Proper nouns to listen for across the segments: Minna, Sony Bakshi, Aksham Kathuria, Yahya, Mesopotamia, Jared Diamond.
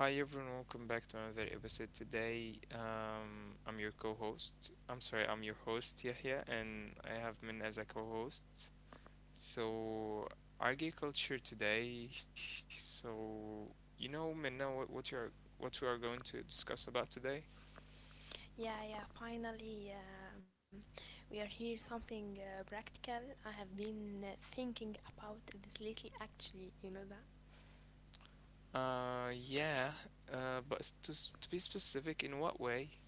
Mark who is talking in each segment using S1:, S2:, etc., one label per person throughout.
S1: Hi everyone, welcome back to another episode today. I'm your co-host. I'm sorry, I'm your host Yahya, and I have Min as a co-host. So, agriculture today. So, Minna, what we are going to discuss about today?
S2: Yeah, yeah, finally, we are here. Something practical. I have been thinking about this lately, actually, you know that?
S1: Yeah. But to be specific, in what way?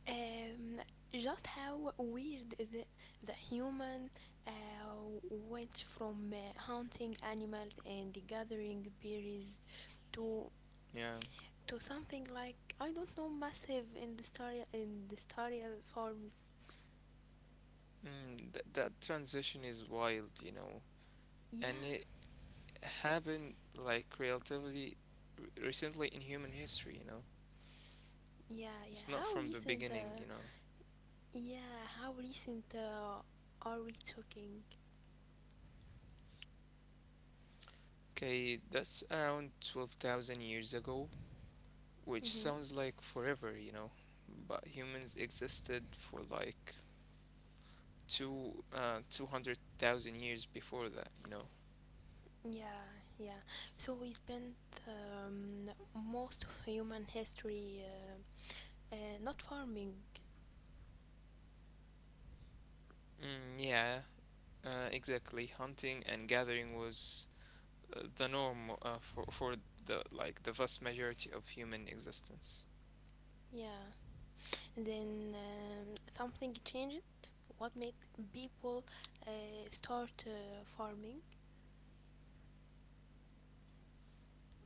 S2: Um, just how weird the human went from hunting animals and gathering berries to
S1: Yeah.
S2: to something like, I don't know, massive industrial farms.
S1: That that transition is wild.
S2: Yeah,
S1: And it happened like relatively recently in human history.
S2: yeah, yeah.
S1: It's
S2: How
S1: not from the
S2: recent
S1: beginning.
S2: yeah, how recent are we talking?
S1: Okay, that's around 12,000 years ago, which
S2: Mm-hmm.
S1: sounds like forever. But humans existed for like two 200,000 years before that.
S2: Yeah, yeah. So we spent um, most of human history not farming.
S1: Mm, yeah, exactly. Hunting and gathering was the norm for the vast majority of human existence.
S2: Yeah. And then something changed. What made people uh, start farming?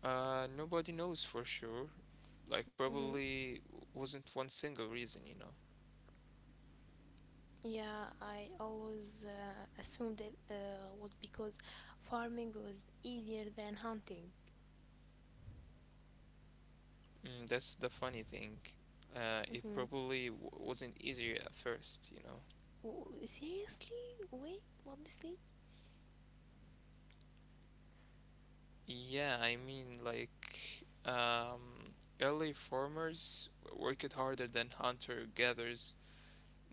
S1: Nobody knows for sure. Like,
S2: Mm-hmm.
S1: probably wasn't one single reason.
S2: Yeah, I always assumed it was because farming was easier than hunting.
S1: That's the funny thing.
S2: Mm-hmm.
S1: It probably wasn't easier at first.
S2: Seriously? Wait, what do you say?
S1: Yeah, I mean, like, um, early farmers worked harder than hunter-gatherers,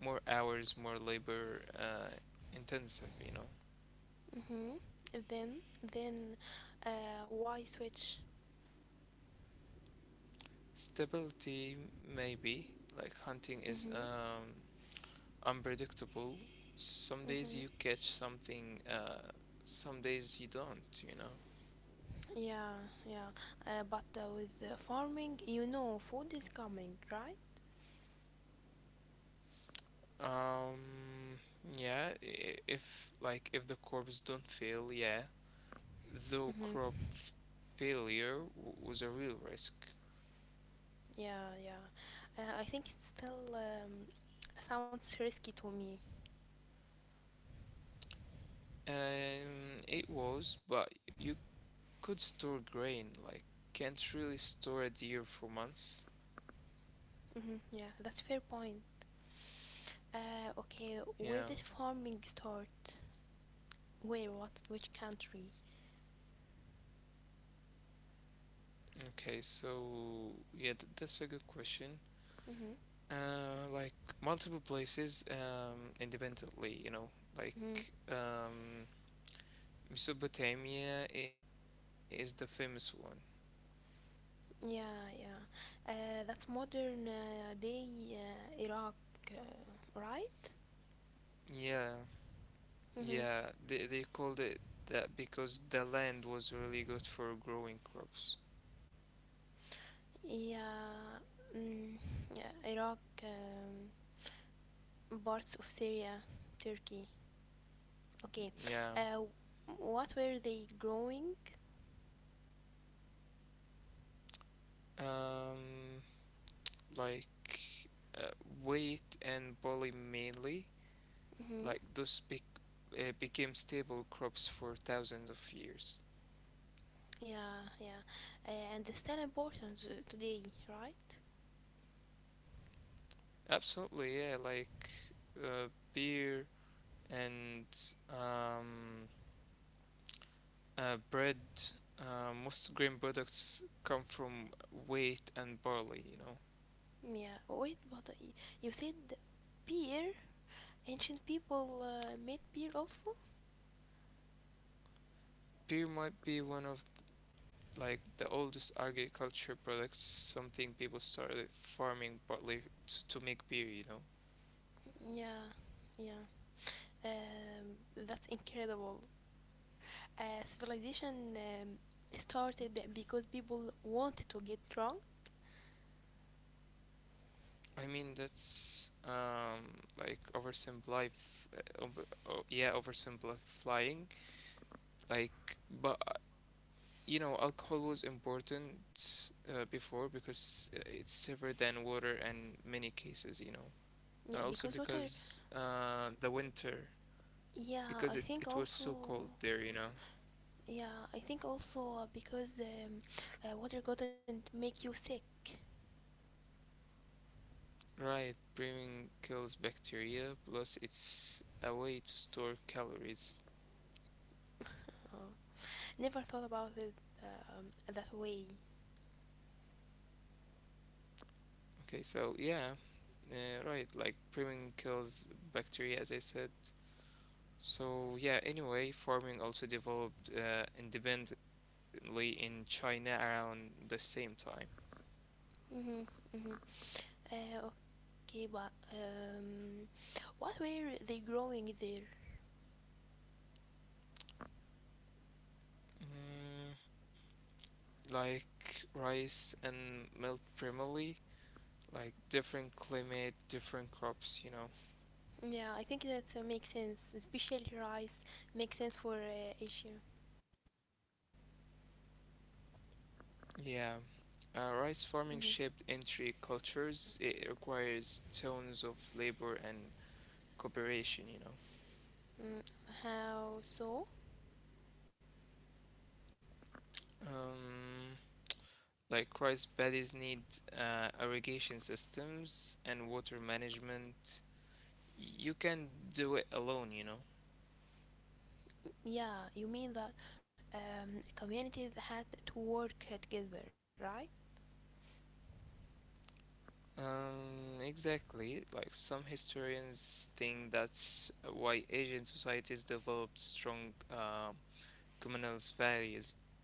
S1: more hours, more labor, intensive.
S2: Mm-hmm. Then, then, why switch?
S1: Stability, maybe. Like, hunting is,
S2: Mm-hmm.
S1: um, unpredictable. Some days you
S2: Mm-hmm.
S1: catch something, some days you don't.
S2: Yeah, yeah. But with farming, food is coming, right?
S1: Um, yeah, if the crops don't fail, yeah, though
S2: Mm-hmm.
S1: crop failure was a real risk.
S2: Yeah, yeah. I think it still sounds risky to me.
S1: It was, but you could store grain, like can't really store a deer for months.
S2: Mm-hmm. Yeah, that's fair point. Okay, where did
S1: Yeah.
S2: farming start? Where? What? Which country?
S1: Okay, so yeah, that's a good question.
S2: Mhm.
S1: Like multiple places independently, like
S2: Mhm.
S1: um, Mesopotamia is the famous one.
S2: Yeah, yeah. That's modern day Iraq, uh, right?
S1: Yeah,
S2: Mhm.
S1: yeah, they called it that because the land was really good for growing crops.
S2: Yeah. Mm, yeah. Iraq, parts of Syria, Turkey. Okay. Uh,
S1: Yeah,
S2: what were they growing?
S1: um, like uh, wheat and barley mainly,
S2: Mhm.
S1: like those bec became stable crops for thousands of years.
S2: Yeah, yeah. And it's still important today, right?
S1: Absolutely, yeah, like uh, beer, and um, bread. Most grain products come from wheat and barley.
S2: Yeah, wait, but you said beer? Ancient people made beer also?
S1: Beer might be one of the oldest agriculture products. Something people started farming barley to make beer.
S2: Yeah, yeah. That's incredible. Civilization started because people wanted to get drunk.
S1: I mean that's like oh, yeah, oversimplifying. Like, but alcohol was important before because it's safer than water in many cases, and also
S2: Yeah, because water.
S1: because the winter, because
S2: Yeah,
S1: it,
S2: I
S1: it
S2: think
S1: was so
S2: also.
S1: cold there.
S2: Yeah, I think also because water couldn't make you sick.
S1: Right, brewing kills bacteria, plus it's a way to store calories.
S2: Oh, never thought about it um, that way.
S1: Okay, so yeah, right, like brewing kills bacteria, as I said. So yeah, anyway, farming also developed independently in China around the same time.
S2: Mhm, mhm. Uh, okay, but what were they growing there?
S1: Mm, like rice and milk primarily, like different climate, different crops.
S2: Yeah, I think that makes sense. Especially rice makes sense for Asia.
S1: Yeah, rice farming
S2: Mhm.
S1: shaped entry cultures. It requires tons of labor and cooperation.
S2: Mm, how so?
S1: Um, like rice paddies need irrigation systems and water management you can do it alone?
S2: Yeah, you mean that communities had to work together, right?
S1: Exactly. Like some historians think that's why Asian societies developed strong communal values?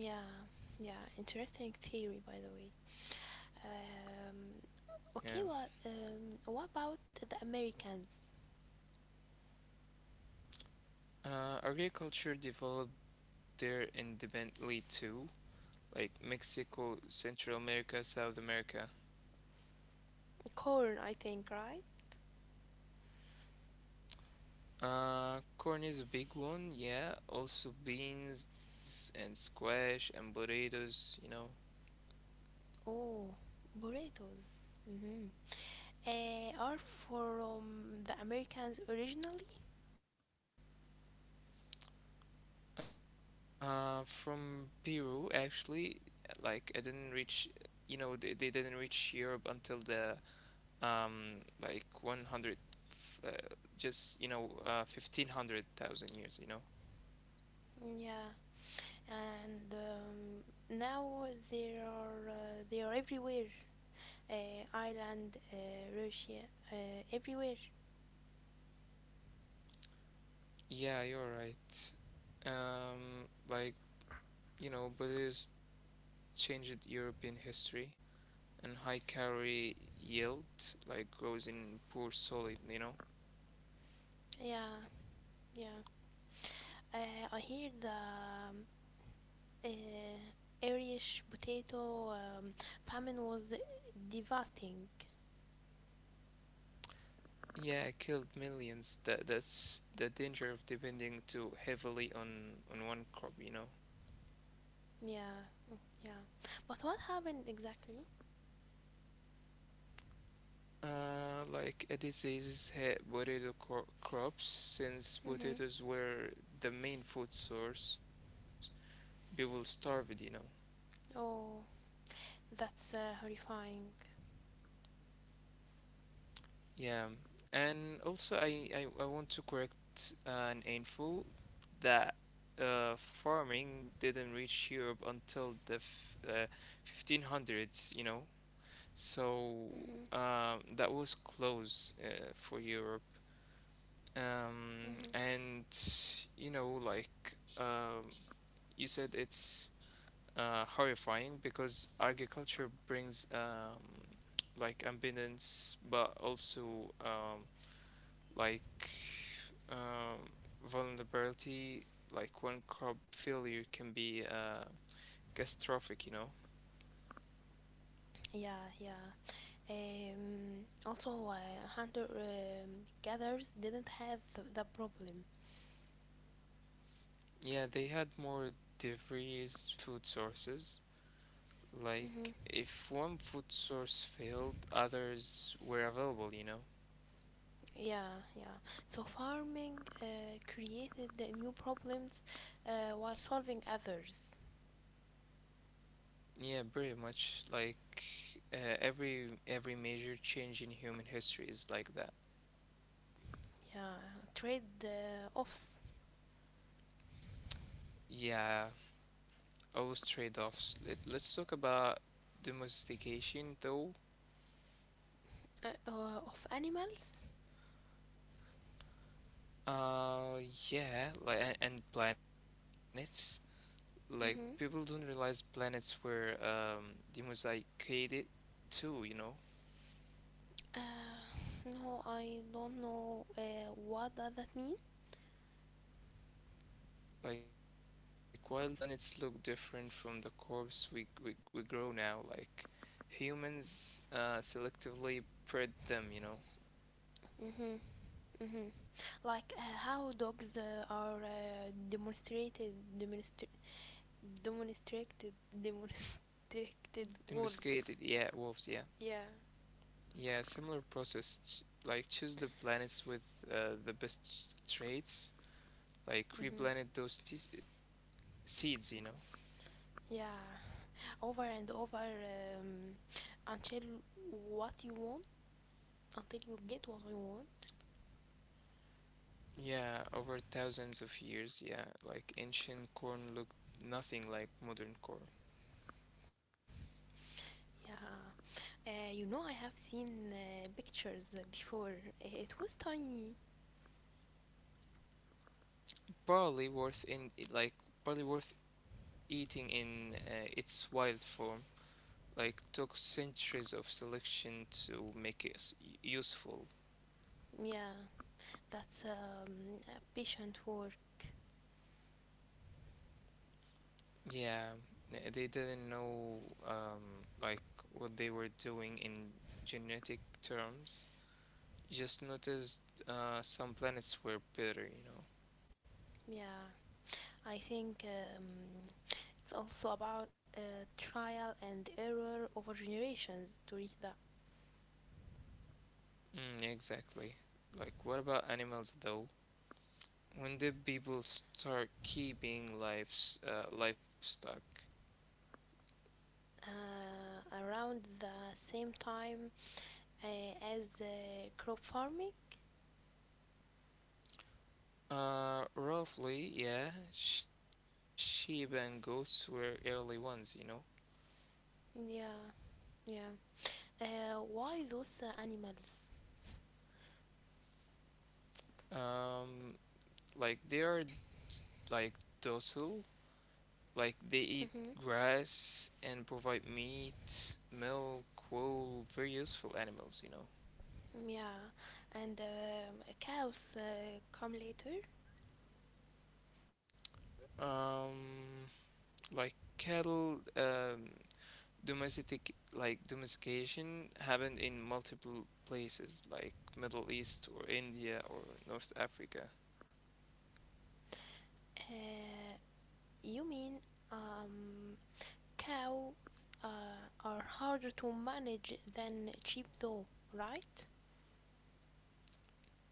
S2: Yeah, yeah, interesting theory, by the way. Um,
S1: Yeah.
S2: okay, what about the Americans?
S1: Agriculture developed there independently too, like Mexico, Central America, South America.
S2: Corn, I think, right?
S1: Corn is a big one, yeah. Also beans and squash and potatoes.
S2: Oh, burritos. Mm-hmm. Are from the Americans originally?
S1: From Peru, actually, like I didn't reach, they didn't reach Europe until the 100, uh, fifteen hundred thousand years.
S2: Yeah, and now they are everywhere. Ireland, Russia, everywhere.
S1: Yeah, you're right. Like, Buddhist changed European history and high calorie yield like grows in poor soil.
S2: Yeah, yeah. I hear the uh, Irish potato famine was devastating.
S1: Yeah, it killed millions. That's the danger of depending too heavily on one crop.
S2: Yeah, mm, yeah. But what happened exactly?
S1: Like a disease hit potato crops since
S2: Mm-hmm.
S1: potatoes were the main food source. People starved.
S2: Oh, that's horrifying.
S1: Yeah, and also I want to correct an info that farming didn't reach Europe until the f 1500s.
S2: Mm-hmm.
S1: So that was close for Europe.
S2: Mm-hmm.
S1: And like um, you said, it's horrifying because agriculture brings like abundance, but also like um, vulnerability. Like one crop failure can be catastrophic.
S2: Yeah, yeah. Also, hunter gatherers didn't have the problem.
S1: Yeah, they had more diverse food sources.
S2: Mm-hmm.
S1: Like, if one food source failed, others were available?
S2: Yeah, yeah. So farming created the new problems while solving others.
S1: Yeah, pretty much. Like, every major change in human history is like that.
S2: Yeah, trade offs
S1: Yeah, always trade-offs. Let's talk about domestication, though.
S2: of animals.
S1: Uh, yeah, like and planets. Like, people don't
S2: Mm-hmm.
S1: realize planets were domesticated too?
S2: No, I don't know what does that mean.
S1: Like wild planets look different from the corpse we grow now. Like humans selectively bred them.
S2: Mm-hmm. Mm-hmm. Like how dogs are demonstra- demonstrated, demonstrated
S1: Domesticated,
S2: wolves.
S1: yeah, wolves, yeah.
S2: Yeah.
S1: Yeah, similar process. Ch like choose the planets with the best traits. Like
S2: Mhm.
S1: replanted those seeds.
S2: Yeah. Over and over um, until what you want, until you get what you want.
S1: Yeah, over thousands of years, yeah. Like ancient corn looked nothing like modern corn.
S2: Yeah. I have seen pictures before. It was tiny.
S1: barley worth in like Barley worth eating in its wild form like took centuries of selection to make it useful.
S2: Yeah. That's a patient work.
S1: Yeah, they didn't know like what they were doing in genetic terms. Just noticed some planets were better.
S2: Yeah. I think it's also about trial and error over generations to reach that.
S1: Exactly. Like what about animals though? When did people start keeping livestock?
S2: Around the same time as crop farming.
S1: Roughly, yeah. Sheep and goats were early ones.
S2: Yeah, yeah. Why those animals?
S1: Um, like they are like docile, like they eat
S2: Mm-hmm.
S1: grass and provide meat, milk, wool, very useful animals.
S2: Yeah, and cows come later.
S1: Um, like cattle, domestication happened in multiple places, like Middle East or India or North Africa.
S2: Uh, you mean um, cows are harder to manage than sheep, though, right?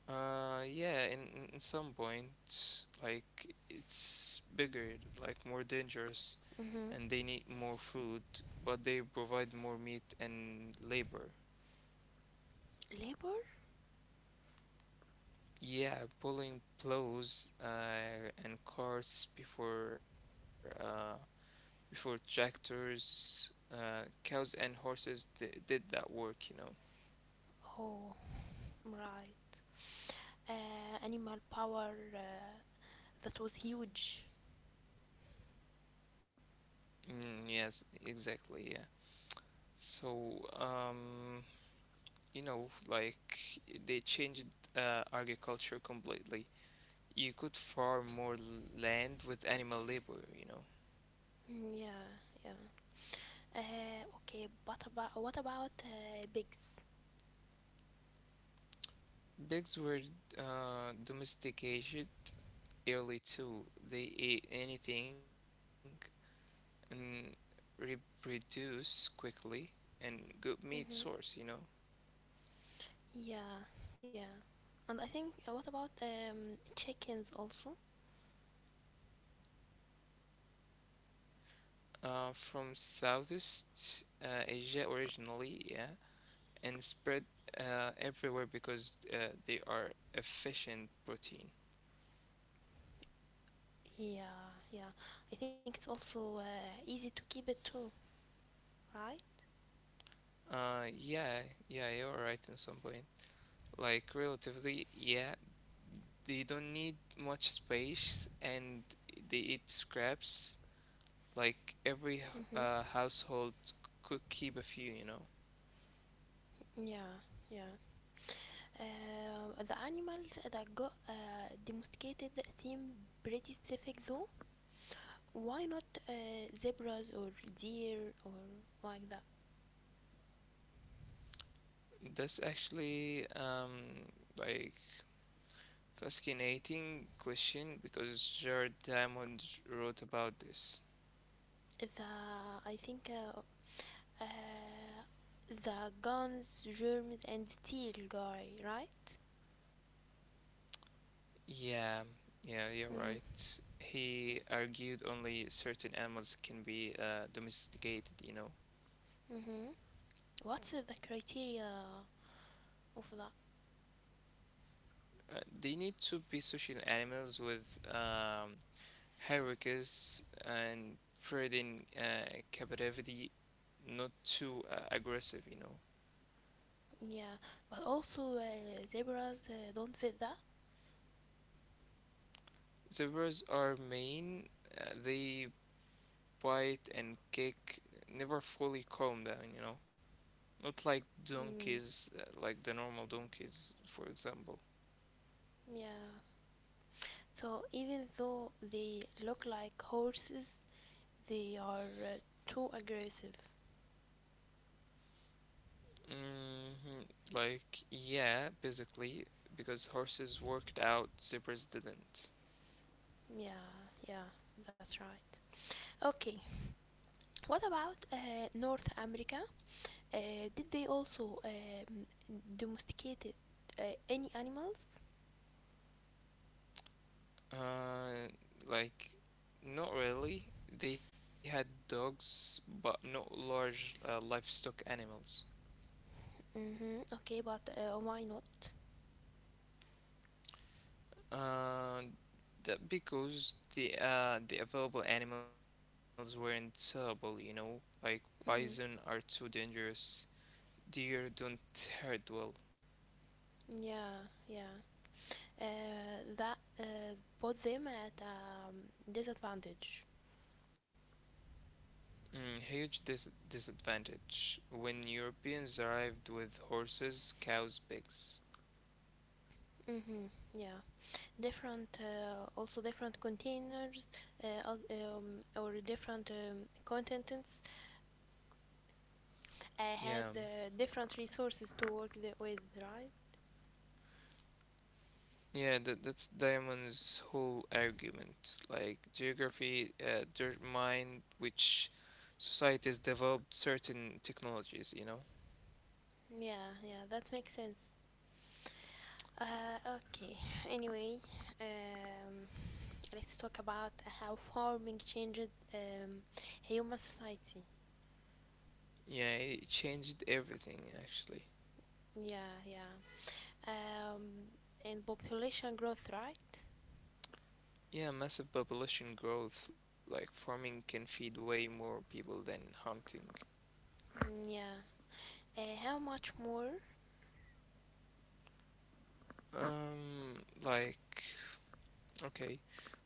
S1: Yeah, in some point, like it's bigger, like more dangerous,
S2: Mm-hmm.
S1: and they need more food, but they provide more meat and labor.
S2: Labor?
S1: Yeah, pulling plows and carts before tractors, cows and horses did that work.
S2: Oh, right. Animal power that was huge.
S1: Mm, yes, exactly, yeah. So, like they changed agriculture completely. You could farm more land with animal labor.
S2: Mm, yeah, yeah. Okay, but about what about pigs?
S1: Pigs were domesticated early too. They ate anything and reproduce quickly and good meat source, you
S2: Mm-hmm.
S1: know.
S2: Yeah, yeah. And I think what about chickens also?
S1: From Southeast Asia originally, yeah, and spread everywhere because they are efficient protein.
S2: Yeah, yeah. I think it's also easy to keep it too, right?
S1: Yeah, yeah, you're right in some point. Like relatively, yeah, they don't need much space and they eat scraps. Like every
S2: Mm-hmm.
S1: household could keep a few.
S2: Yeah, yeah. The animals that got domesticated seem pretty specific though. Why not zebras or deer or like that?
S1: That's actually like fascinating question because Jared Diamond wrote about this.
S2: The I think uh, the guns, germs, and steel guy, right?
S1: Yeah, yeah, you're
S2: Mhm.
S1: right. He argued only certain animals can be domesticated.
S2: Mhm. What's the criteria of that?
S1: They need to be social animals with hierarchies and breeding captivity, not too aggressive.
S2: Yeah, but also zebras don't fit that.
S1: Zebras are mean, they bite and kick, never fully calm down. Not like
S2: Mm.
S1: donkeys, like the normal donkeys, for example.
S2: Yeah. So even though they look like horses, they are too aggressive.
S1: hmm Like, yeah, basically, because horses worked out, zebras didn't.
S2: Yeah, yeah, that's right. Okay, what about North America? Did they also domesticated uh, any animals?
S1: Uh, like, not really. They had dogs, but not large livestock animals.
S2: Mm-hmm. Okay, but why not?
S1: Uh, that because the available animals weren't terrible, like bison are too
S2: Mm-hmm.
S1: dangerous. Deer don't herd well.
S2: Yeah, yeah. That put them at a disadvantage.
S1: Huge disadvantage when Europeans arrived with horses, cows, pigs.
S2: Mm-hmm. Yeah, different. Also, different containers or different contents. I had
S1: Yeah.
S2: different resources to work with, right?
S1: Yeah, that's Diamond's whole argument. Like geography determined which societies developed certain technologies?
S2: Yeah, yeah, that makes sense. Okay. Anyway, um, let's talk about how farming changed um, human society.
S1: Yeah, it changed everything actually.
S2: Yeah, yeah. Um, and population growth, right?
S1: Yeah, massive population growth, like farming can feed way more people than hunting.
S2: Mm, yeah. How much more?
S1: Um, like, okay,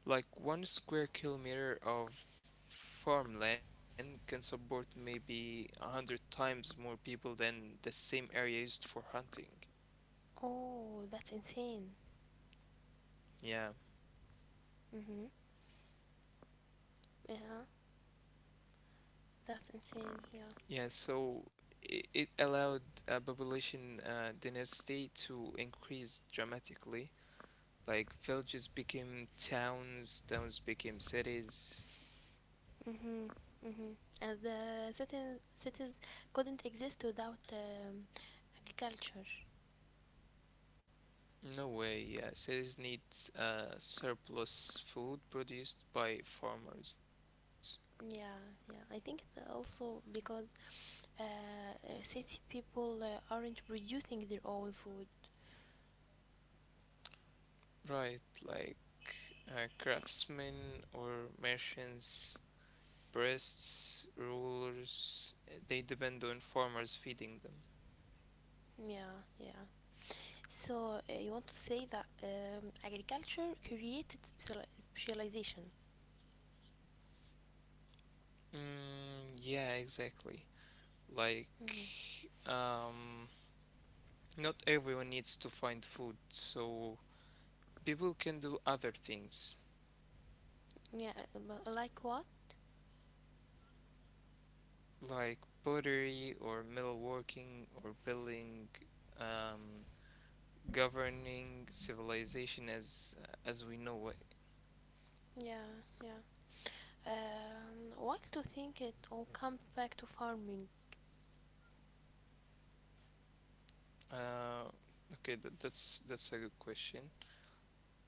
S1: like 1 square kilometer of farmland can support maybe 100 times more people than the same area used for hunting.
S2: Oh, that's insane.
S1: Yeah,
S2: Mhm. Yeah, that's
S1: yeah.
S2: insane.
S1: So
S2: Yeah.
S1: it allowed a population dynasty to increase dramatically. Like villages became towns, towns became cities.
S2: Mhm. Mhm. And the cities couldn't exist without agriculture.
S1: No way. Yeah, cities need surplus food produced by farmers.
S2: Yeah, yeah. I think it's also because uh, city people aren't producing their own food.
S1: Right, like craftsmen or merchants, priests, rulers. They depend on farmers feeding them.
S2: Yeah, yeah. So you want to say that agriculture created specialization.
S1: Mm, yeah, exactly. Like,
S2: Mhm.
S1: um, not everyone needs to find food, so people can do other things
S2: Yeah, but like what?
S1: like pottery or metalworking or building, um, governing civilization as we know it.
S2: Yeah, yeah. Why to think it all comes back to farming?
S1: Uh, okay, that's a good question.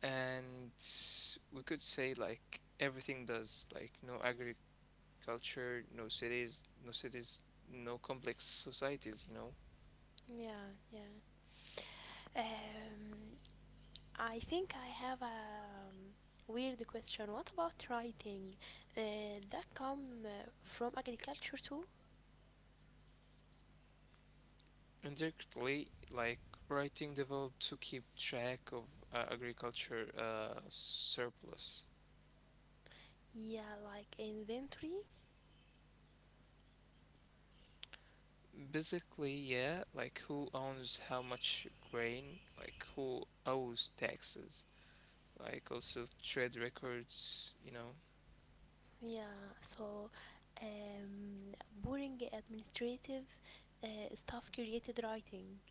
S1: And we could say like everything does. Like no agriculture, no cities, no complex societies.
S2: Yeah, yeah. Um, I think I have a weird question. What about writing? That come from agriculture too?
S1: Indirectly, like writing developed to keep track of agriculture surplus.
S2: Yeah, like inventory.
S1: Basically, yeah, like who owns how much grain, like who owes taxes, like also trade records.
S2: Yeah, so um, boring administrative stuff created writing.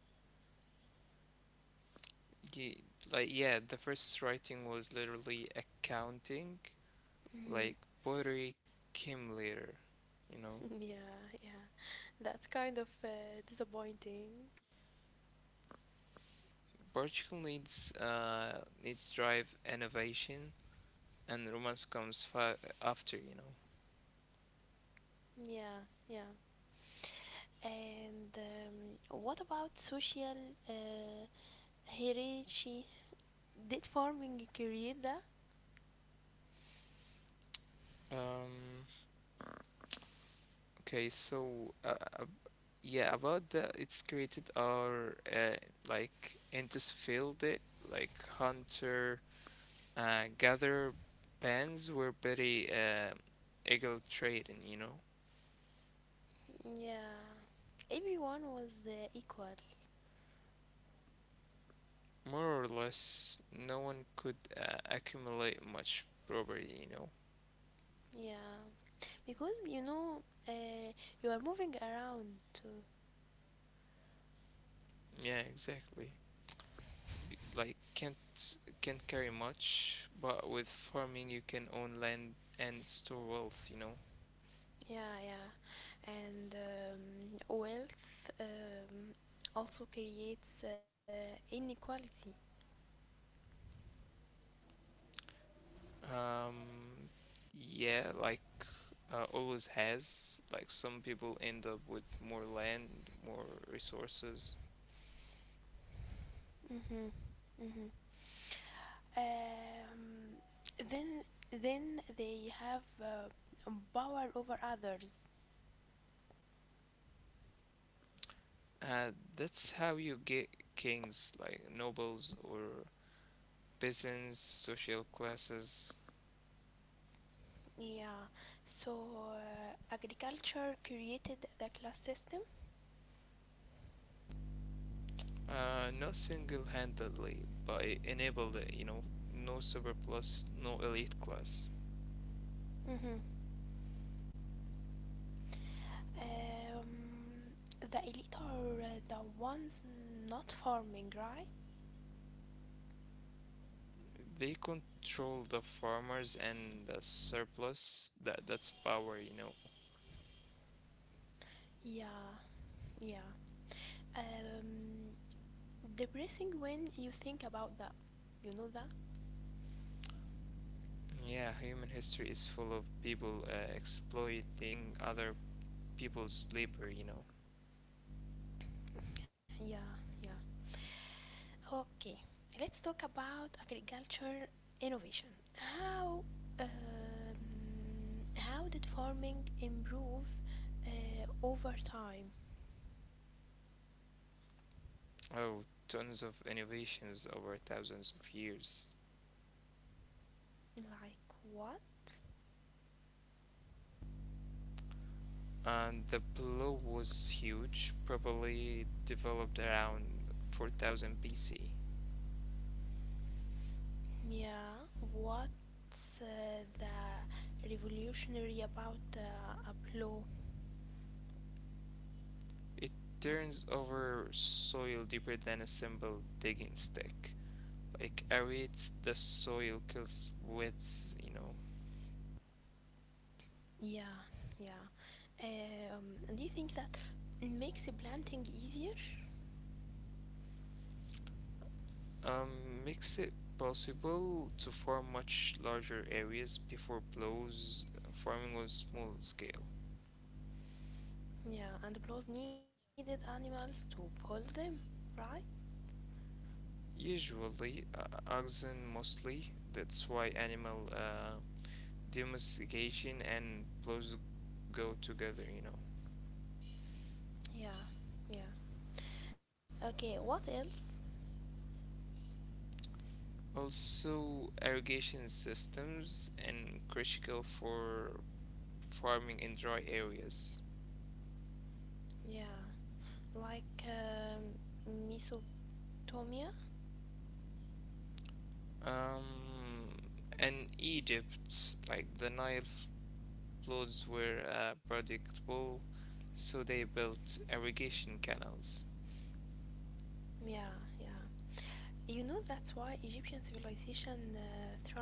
S1: Ye- Like, yeah, the first writing was literally accounting, like
S2: Mhm.
S1: pottery came later, you know.
S2: Yeah, yeah. That's kind of disappointing.
S1: Portugal needs drive innovation and romance comes after.
S2: Yeah, yeah. And what about social uh, hierarchy? Did farming create that?
S1: Um, okay, so yeah, about that, it's created our like Intis field it like hunter gatherer bands were very eagle trading.
S2: Yeah. Everyone was equal.
S1: More or less, no one could accumulate much property.
S2: Yeah. Because you know, you are moving around too.
S1: Yeah, exactly. b- like can't can't carry much, but with farming you can own land and store wealth.
S2: Yeah, yeah. And wealth um, also creates inequality.
S1: Um, yeah, like always has. Like some people end up with more land, more resources.
S2: Mm-hmm. Mm-hmm. Um, then, then they have power over others.
S1: Uh, that's how you get kings, like nobles or peasants, social classes.
S2: Yeah. So agriculture created the class system.
S1: Not single-handedly, but it enabled it. No super plus, no elite class.
S2: Mm-hmm. Um, the elite are the ones not farming, right?
S1: They control the farmers and the surplus. That's power.
S2: Yeah, yeah. Um, Depressing when you think about that. You know that?
S1: Yeah, human history is full of people exploiting other people's labor.
S2: Yeah, yeah. Okay, let's talk about agriculture innovation. How um, how did farming improve over time?
S1: Oh, tons of innovations over thousands of years.
S2: Like what?
S1: And the blow was huge, probably developed around 4000 BC.
S2: Yeah, what's the revolutionary about a plow?
S1: It turns over soil deeper than a simple digging stick. Like aerates the soil kills weeds.
S2: Yeah, yeah. And do you think that makes the planting easier?
S1: Makes it possible to farm much larger areas before plows, farming on small scale.
S2: Yeah, and blows needed animals to pull them, right?
S1: Usually, oxen mostly, that's why animal domestication and plows go together.
S2: Yeah, yeah. Okay, what else?
S1: Also, irrigation systems and critical for farming in dry areas.
S2: Yeah, like Mesopotamia?
S1: Um, and Egypt's like the Nile floods were predictable, so they built irrigation canals.
S2: Yeah, yeah. You know that's why Egyptian civilization thrived there.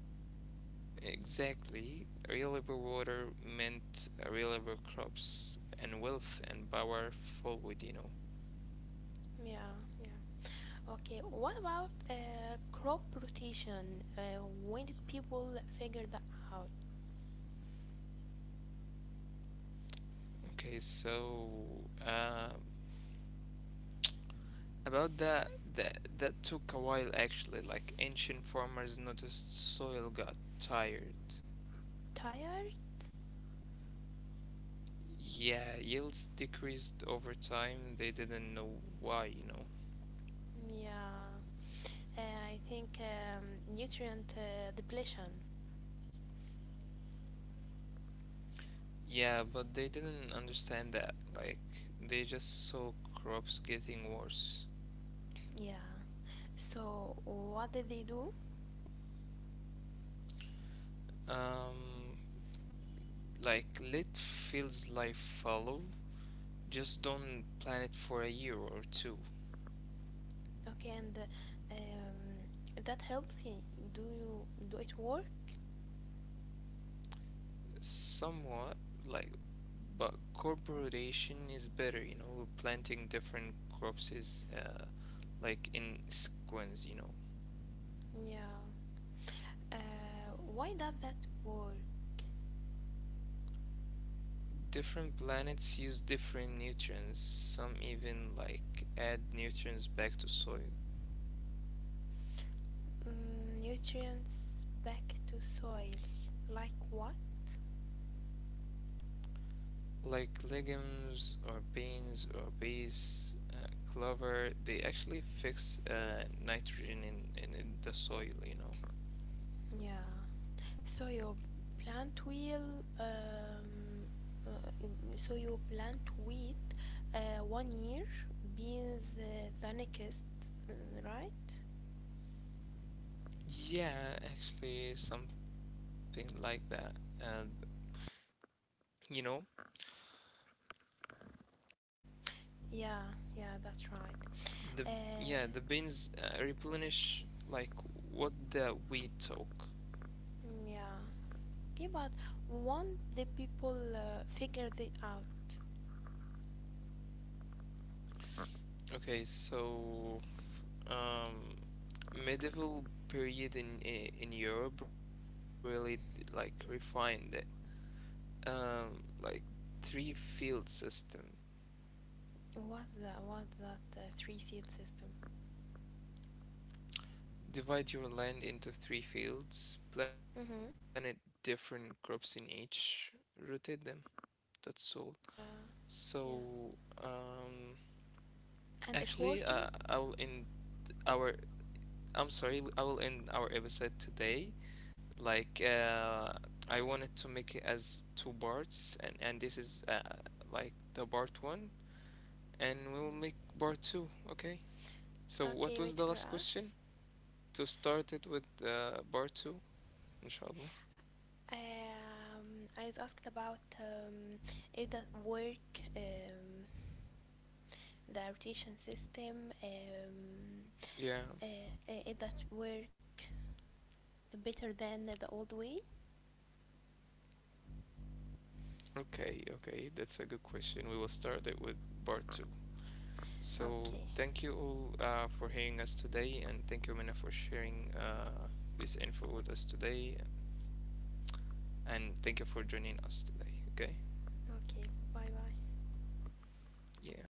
S1: Exactly, reliable water meant reliable crops and wealth and power forward.
S2: Yeah, yeah. Okay, what about crop rotation? When did people figure that out?
S1: Okay, so about that, that took a while actually. Like ancient farmers noticed soil got tired.
S2: Tired?
S1: Yeah, yields decreased over time. They didn't know why.
S2: Yeah. I think nutrient depletion.
S1: Yeah, but they didn't understand that. Like, they just saw crops getting worse.
S2: Yeah. So what did they do?
S1: Um, like, let fields life follow. Just don't plan it for a year or two.
S2: Okay, and that helps. Do you do it work?
S1: Somewhat, like, but corporation is better. Planting different crops is like in sequence.
S2: Yeah. Why does that work?
S1: Different planets use different nutrients. Some even like add nutrients back to soil,
S2: Mm, nutrients back to soil. Like what?
S1: like legumes or beans or peas, clover. They actually fix nitrogen in the soil.
S2: Yeah. So your plant will um, uh, so you plant wheat one year, beans the next, uh, right?
S1: Yeah, actually something like that. And you know,
S2: Yeah, yeah, that's right.
S1: the yeah, the
S2: Uh,
S1: beans replenish like what the wheat took.
S2: mm, yeah. Okay, but won't the people figure it out?
S1: Okay, so um medieval period in Europe really refined it. Like three field system.
S2: What that three field system?
S1: Divide your land into three fields, planted
S2: Mhm.
S1: different crops in each, rotate them. That's all.
S2: Yeah,
S1: So,
S2: yeah.
S1: actually,
S2: And it worked?
S1: I will end our. I'm sorry, I will end our episode today. Like, I wanted to make it as two parts, and this is like the part one and we will make part two, okay? So what
S2: Okay,
S1: was
S2: wait
S1: the
S2: for
S1: last
S2: us.
S1: question? To start it with part two, inshallah.
S2: I was asked about if that work, um, the rotation system,
S1: Yeah,
S2: if that work better than the old way.
S1: okay, okay, that's a good question. We will start it with part two. So thank
S2: Okay,
S1: you all for hearing us today, and thank you, Mina, for sharing this info with us today, and thank you for joining us today, okay?
S2: okay, bye bye.
S1: Yeah, bye.